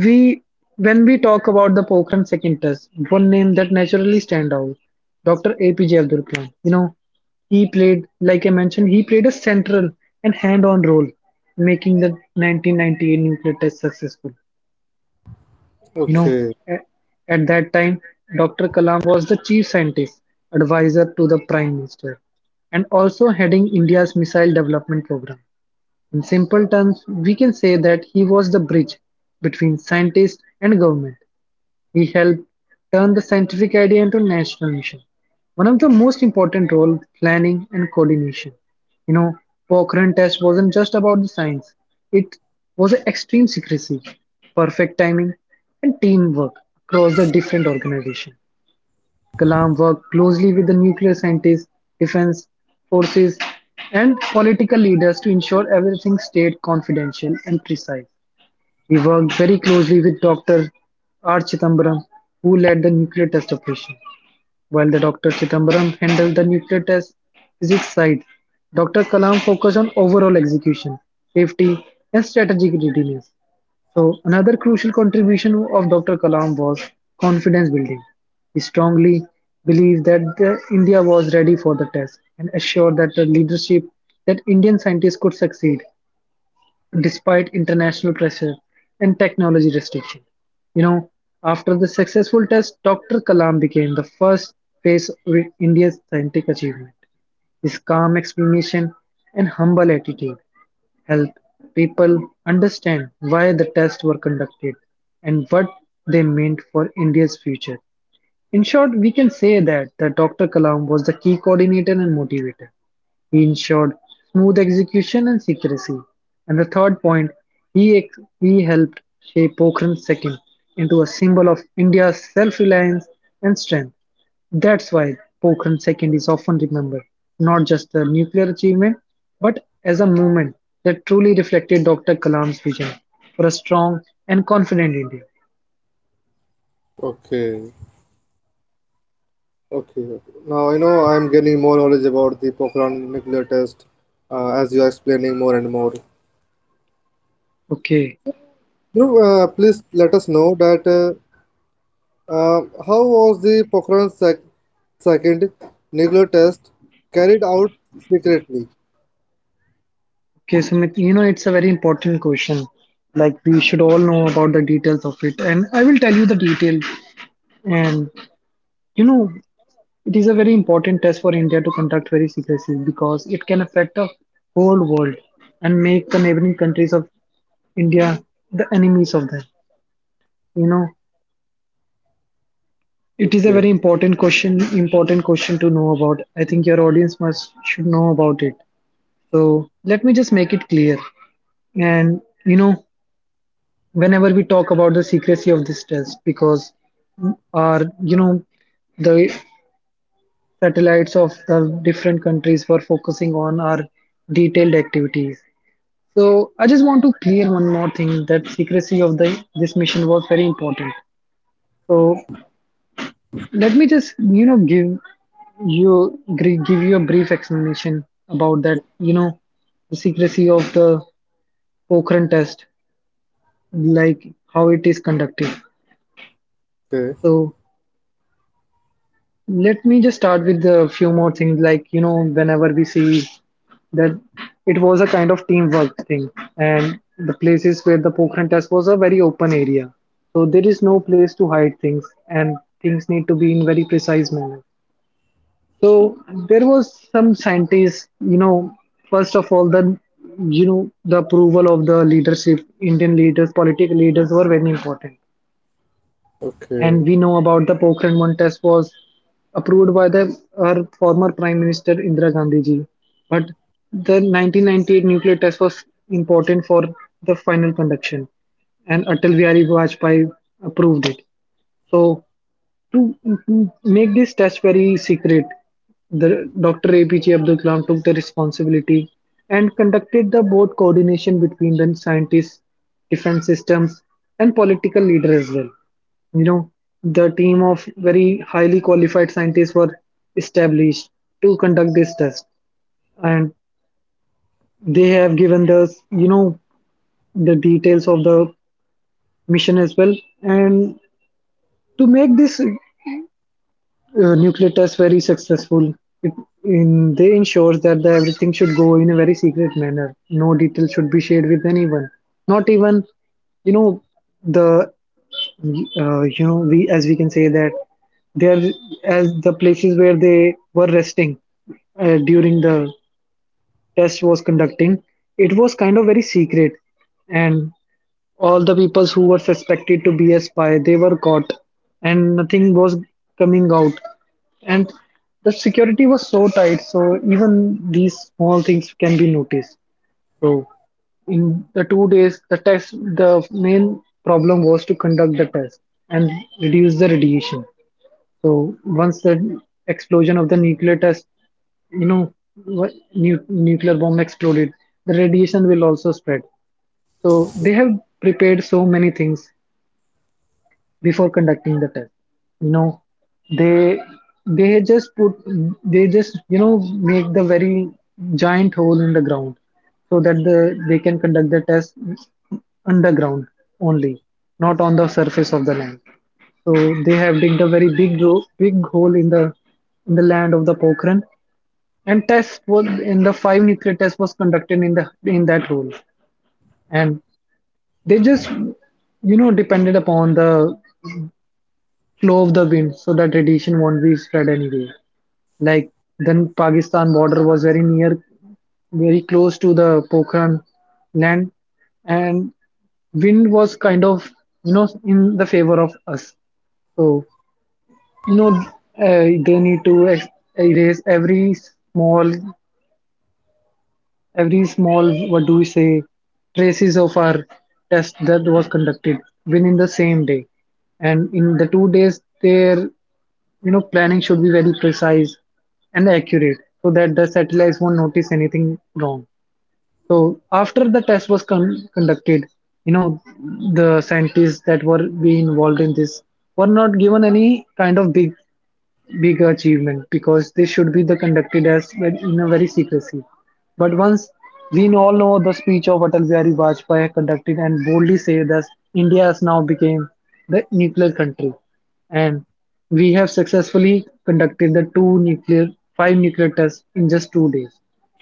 we when we talk about the Pokhran second test, one name that naturally stand out, Doctor A P J Abdul Kalam. You know, he played, like I mentioned, he played a central and hand-on role, in making the nineteen ninety-eight nuclear test successful. You know, Okay. a- at that time, Doctor Kalam was the chief scientist advisor to the prime minister and also heading India's missile development program. In simple terms, we can say that he was the bridge between scientists and government. He helped turn the scientific idea into a national mission. One of the most important roles, planning and coordination. You know, Pokhran test wasn't just about the science. It was an extreme secrecy, perfect timing, and teamwork across the different organizations. Kalam worked closely with the nuclear scientists, defense forces, and political leaders to ensure everything stayed confidential and precise. He worked very closely with Doctor R. Chidambaram, who led the nuclear test operation. While the Doctor Chidambaram handled the nuclear test physics side, Doctor Kalam focused on overall execution, safety, and strategic readiness. So, another crucial contribution of Doctor Kalam was confidence building. He strongly believed that the India was ready for the test and assured that the leadership that Indian scientists could succeed despite international pressure and technology restriction. You know, after the successful test, Doctor Kalam became the first face with India's scientific achievement. His calm explanation and humble attitude helped people understand why the tests were conducted and what they meant for India's future. In short, we can say that the Doctor Kalam was the key coordinator and motivator. He ensured smooth execution and secrecy. And the third point, he, ex- he helped shape Pokhran's second into a symbol of India's self-reliance and strength. That's why Pokhran second is often remembered, not just a nuclear achievement, but as a movement that truly reflected Doctor Kalam's vision for a strong and confident India. Okay. Okay, okay. Now I know I'm getting more knowledge about the Pokhran nuclear test uh, as you are explaining more and more. Okay, You know, uh, please let us know that, uh, uh, how was the Pokhran sec- second nuclear test carried out secretly? okay, Sumit, you know, it's a very important question. Like, we should all know about the details of it, and I will tell you the detail. And you know, it is a very important test for India to conduct very seriously because it can affect the whole world and make the neighboring countries of India the enemies of them. You know, it is a Okay, very important question, important question to know about. I think your audience must should know about it. So let me just make it clear. And you know, whenever we talk about the secrecy of this test, because our you know the satellites of the different countries were focusing on our detailed activities. So I just want to clear one more thing that secrecy of the this mission was very important. So let me just you know give you give you a brief explanation about that you know The secrecy of the Pokhran test, like how it is conducted. okay, So let me just start with a few more things. Like, you know, whenever we see that it was a kind of teamwork thing, and the places where the Pokhran test was a very open area. So there is no place to hide things, and things need to be in very precise manner. So there was some scientists, you know, first of all, the you know the approval of the leadership, Indian leaders, political leaders were very important. okay, And we know about the Pokhran one test was approved by the our former Prime Minister Indira Gandhi ji. But the nineteen ninety-eight nuclear test was important for the final conduction, and Atal Bihari Vajpayee approved it. So to to make this test very secret, the doctor A P J Abdul Kalam took the responsibility and conducted the board coordination between the scientists, defense systems, and political leaders as well. You know, the team of very highly qualified scientists were established to conduct this test, and they have given us, you know, the details of the mission as well. And to make this uh, nuclear test very successful. It, in, they ensures that the, everything should go in a very secret manner. No detail should be shared with anyone. Not even, you know, the uh, you know we as we can say that they are as the places where they were resting uh, during the test was conducting. It was kind of very secret, and all the people who were suspected to be a spy, they were caught, and nothing was coming out. And the security was so tight, so even these small things can be noticed. So in the two days, the test, the main problem was to conduct the test and reduce the radiation. So once the explosion of the nuclear test, you know, wh- nu- nuclear bomb exploded, the radiation will also spread. So they have prepared so many things before conducting the test. you know they they just put they just you know make the very giant hole in the ground so that the they can conduct the test underground only, not on the surface of the land. So they have digged a very big ro- big hole in the in the land of the Pokhran, and test was in the five nuclear test was conducted in the in that hole. And they just you know depended upon the flow of the wind so that radiation won't be spread anywhere. Like, then Pakistan border was very near, very close to the Pokhran land, and wind was kind of you know in the favor of us. So you know uh, they need to ex- erase every small, every small, what do we say, traces of our test that was conducted within the same day. And in the two days there, you know planning should be very precise and accurate so that the satellites won't notice anything wrong. So after the test was con- conducted, you know the scientists that were being involved in this were not given any kind of big big achievement because this should be the conducted as well in a very secrecy. But once we all know the speech of Atal Bihari Vajpayee conducted and boldly say that India has now became the nuclear country, and we have successfully conducted the two nuclear five nuclear tests in just two days.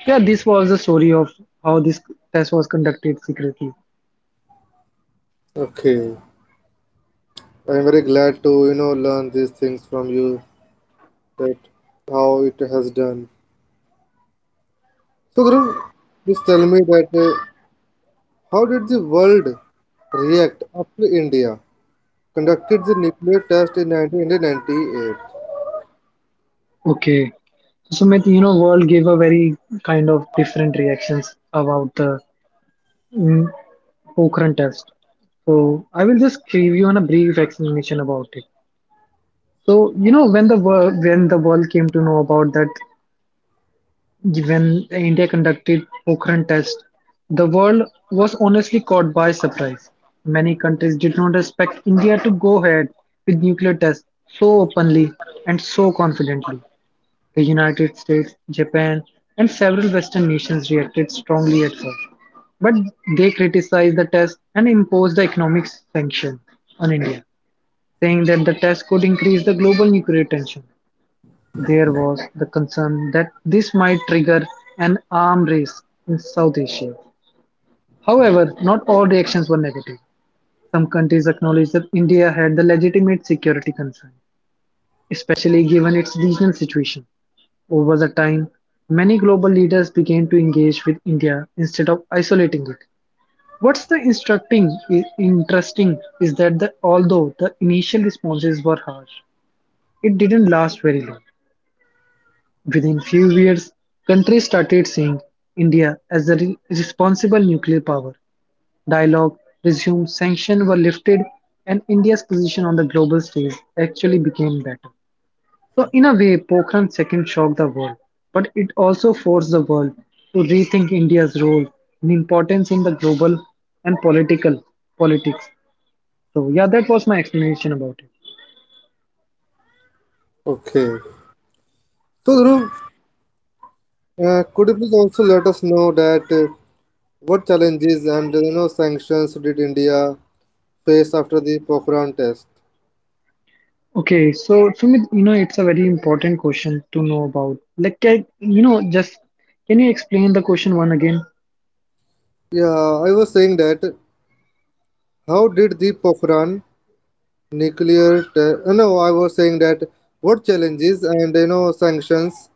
Yeah, this was the story of how this test was conducted secretly. okay. I'm very glad to you know learn these things from you, that how it has done. So Dhruv, please tell me that. Uh, How did the world react after India conducted the nuclear test in nineteen ninety-eight? Okay. So, Sumit, you know, world gave a very kind of different reactions about the mm, Pokhran test. So I will just give you on a brief explanation about it. So you know when the world when the world came to know about that when India conducted Pokhran test, the world was honestly caught by surprise. Many countries did not expect India to go ahead with nuclear tests so openly and so confidently. The United States, Japan, and several Western nations reacted strongly at first. But they criticized the test and imposed the economic sanction on India, saying that the test could increase the global nuclear tension. There was the concern that this might trigger an arms race in South Asia. However, not all reactions were negative. Some countries acknowledged that India had the legitimate security concern, especially given its regional situation. Over the time, many global leaders began to engage with India instead of isolating it. What's the instructing, i- interesting is that the, although the initial responses were harsh, it didn't last very long. Within few years, countries started seeing India as a re- responsible nuclear power. Dialogue resumed, sanctions were lifted, and India's position on the global stage actually became better. So, in a way, Pokhran second shocked the world, but it also forced the world to rethink India's role and importance in the global and political politics. So yeah, that was my explanation about it. Okay. So, Dhruv, uh, could you please also let us know that uh, what challenges and you know sanctions did India face after the Pokhran test? Okay, so Sumit, you know, it's a very important question to know about. Like, can, you know, just can you explain the question one again? Yeah, I was saying that how did the Pokhran nuclear test? Uh, no, I was saying that what challenges and you know sanctions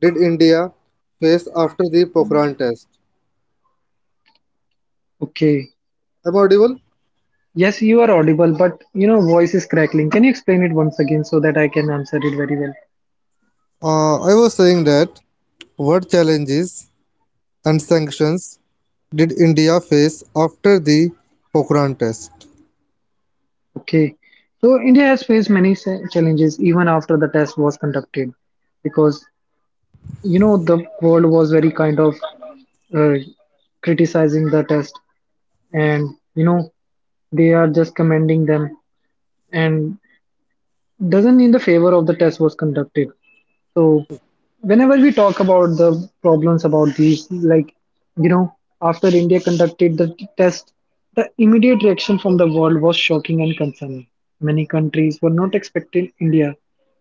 did India face after the Pokhran test? Okay. Am I audible? Yes, you are audible, but you know, voice is crackling. Can you explain it once again so that I can answer it very well? Uh, I was saying that what challenges and sanctions did India face after the Pokhran test? Okay. So India has faced many sa- challenges even after the test was conducted, because you know the world was very kind of uh, criticizing the test, and you know they are just commending them and doesn't in the favor of the test was conducted. So whenever we talk about the problems about these, like you know, after India conducted the t- test, the immediate reaction from the world was shocking and concerning. Many countries were not expecting India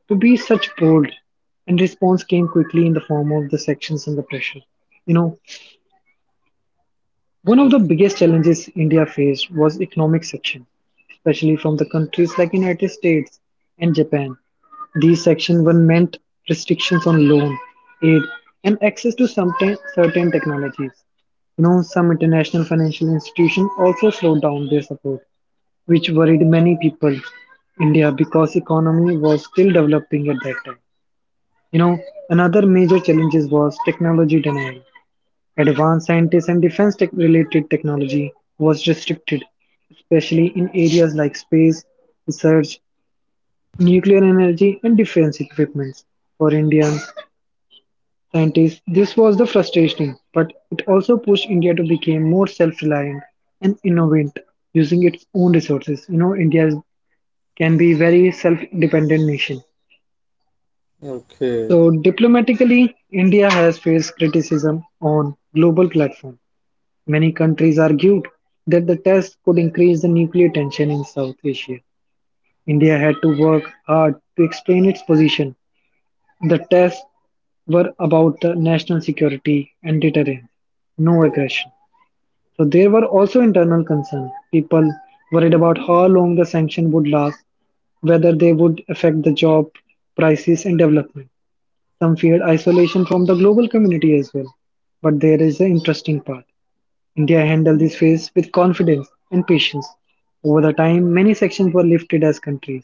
to be such bold, and response came quickly in the form of the sanctions and the pressure. You know, one of the biggest challenges India faced was economic section, especially from the countries like United States and Japan. These sections were meant restrictions on loan, aid, and access to some te- certain technologies. You know, some international financial institutions also slowed down their support, which worried many people. India because economy was still developing at that time. You know, another major challenge was technology denial. Advanced scientists and defense tech related technology was restricted, especially in areas like space research, nuclear energy, and defense equipment. For Indian scientists, this was the frustration, but it also pushed India to become more self reliant and innovate using its own resources. You know, India can be very self dependent nation. Okay. So diplomatically, India has faced criticism on global platform. Many countries argued that the test could increase the nuclear tension in South Asia. India had to work hard to explain its position. The tests were about the national security and deterrence, no aggression. So there were also internal concerns. People worried about how long the sanction would last, whether they would affect the job prices and development. Some feared isolation from the global community as well. But there is an interesting part. India handled this phase with confidence and patience. Over the time, many sections were lifted as countries.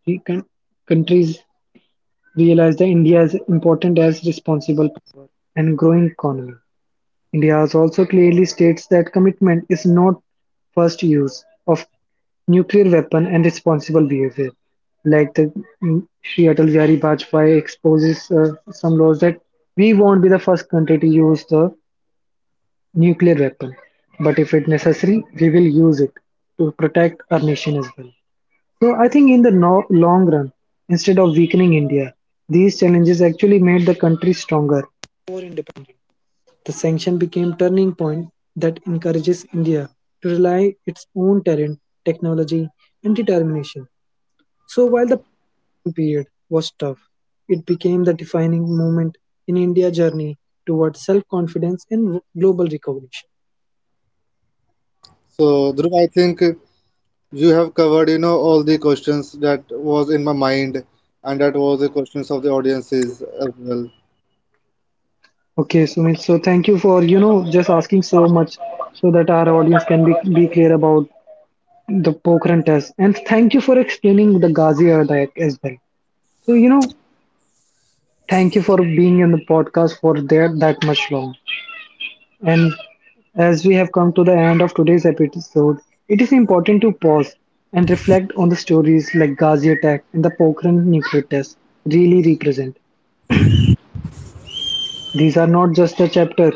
The coun- countries realized that India is important as responsible power and growing economy. India has also clearly states that commitment is not first use of nuclear weapon and responsible behavior. Like the mm, Sri Atal Bihari Vajpayee exposes uh, some laws that we won't be the first country to use the nuclear weapon. But if it necessary, we will use it to protect our nation as well. So I think in the no- long run, instead of weakening India, these challenges actually made the country stronger, more independent. The sanction became turning point that encourages India to rely its own talent, technology, and determination. So while the period was tough, it became the defining moment in India's journey towards self-confidence and global recognition. So, Dhruv, I think you have covered, you know, all the questions that was in my mind, and that was the questions of the audiences as well. Okay, Sumit. So thank you for, you know, just asking so much so that our audience can be be clear about the Pokhran test. And thank you for explaining the Ghazi attack as well. So, you know, thank you for being in the podcast for that that much long. And as we have come to the end of today's episode, it is important to pause and reflect on the stories like Ghazi attack and the Pokhran nuclear test really represent. These are not just a chapter,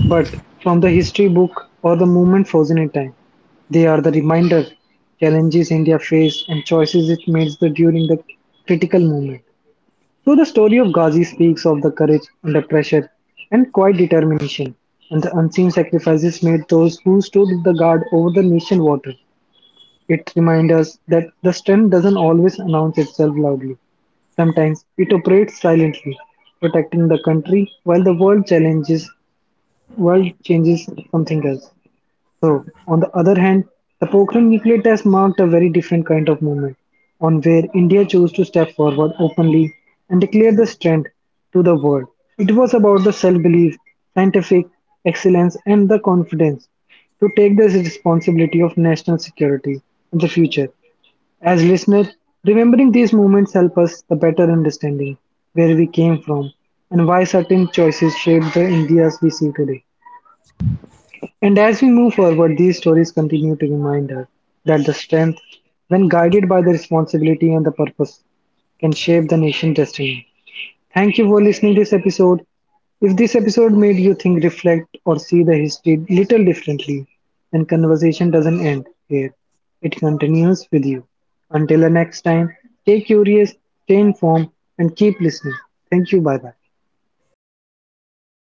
but from the history book or the moment frozen in time, they are the reminder challenges India faced and choices it made the- during the critical moment. So the story of Ghazi speaks of the courage under pressure and quiet determination and the unseen sacrifices made those who stood the guard over the nation water. It reminds us that the strength doesn't always announce itself loudly. Sometimes it operates silently, protecting the country while the world challenges world changes something else. So, on the other hand, the Pokhran nuclear test marked a very different kind of movement, on where India chose to step forward openly and declare the strength to the world. It was about the self belief, scientific excellence, and the confidence to take this responsibility of national security in the future. As listeners, remembering these moments help us the better understanding where we came from and why certain choices shaped the Indias we see today. And as we move forward, these stories continue to remind us that the strength, when guided by the responsibility and the purpose, can shape the nation's destiny. Thank you for listening to this episode. If this episode made you think, reflect, or see the history little differently, then conversation doesn't end here. It continues with you. Until the next time, stay curious, stay informed, and keep listening. Thank you. Bye bye. Okay.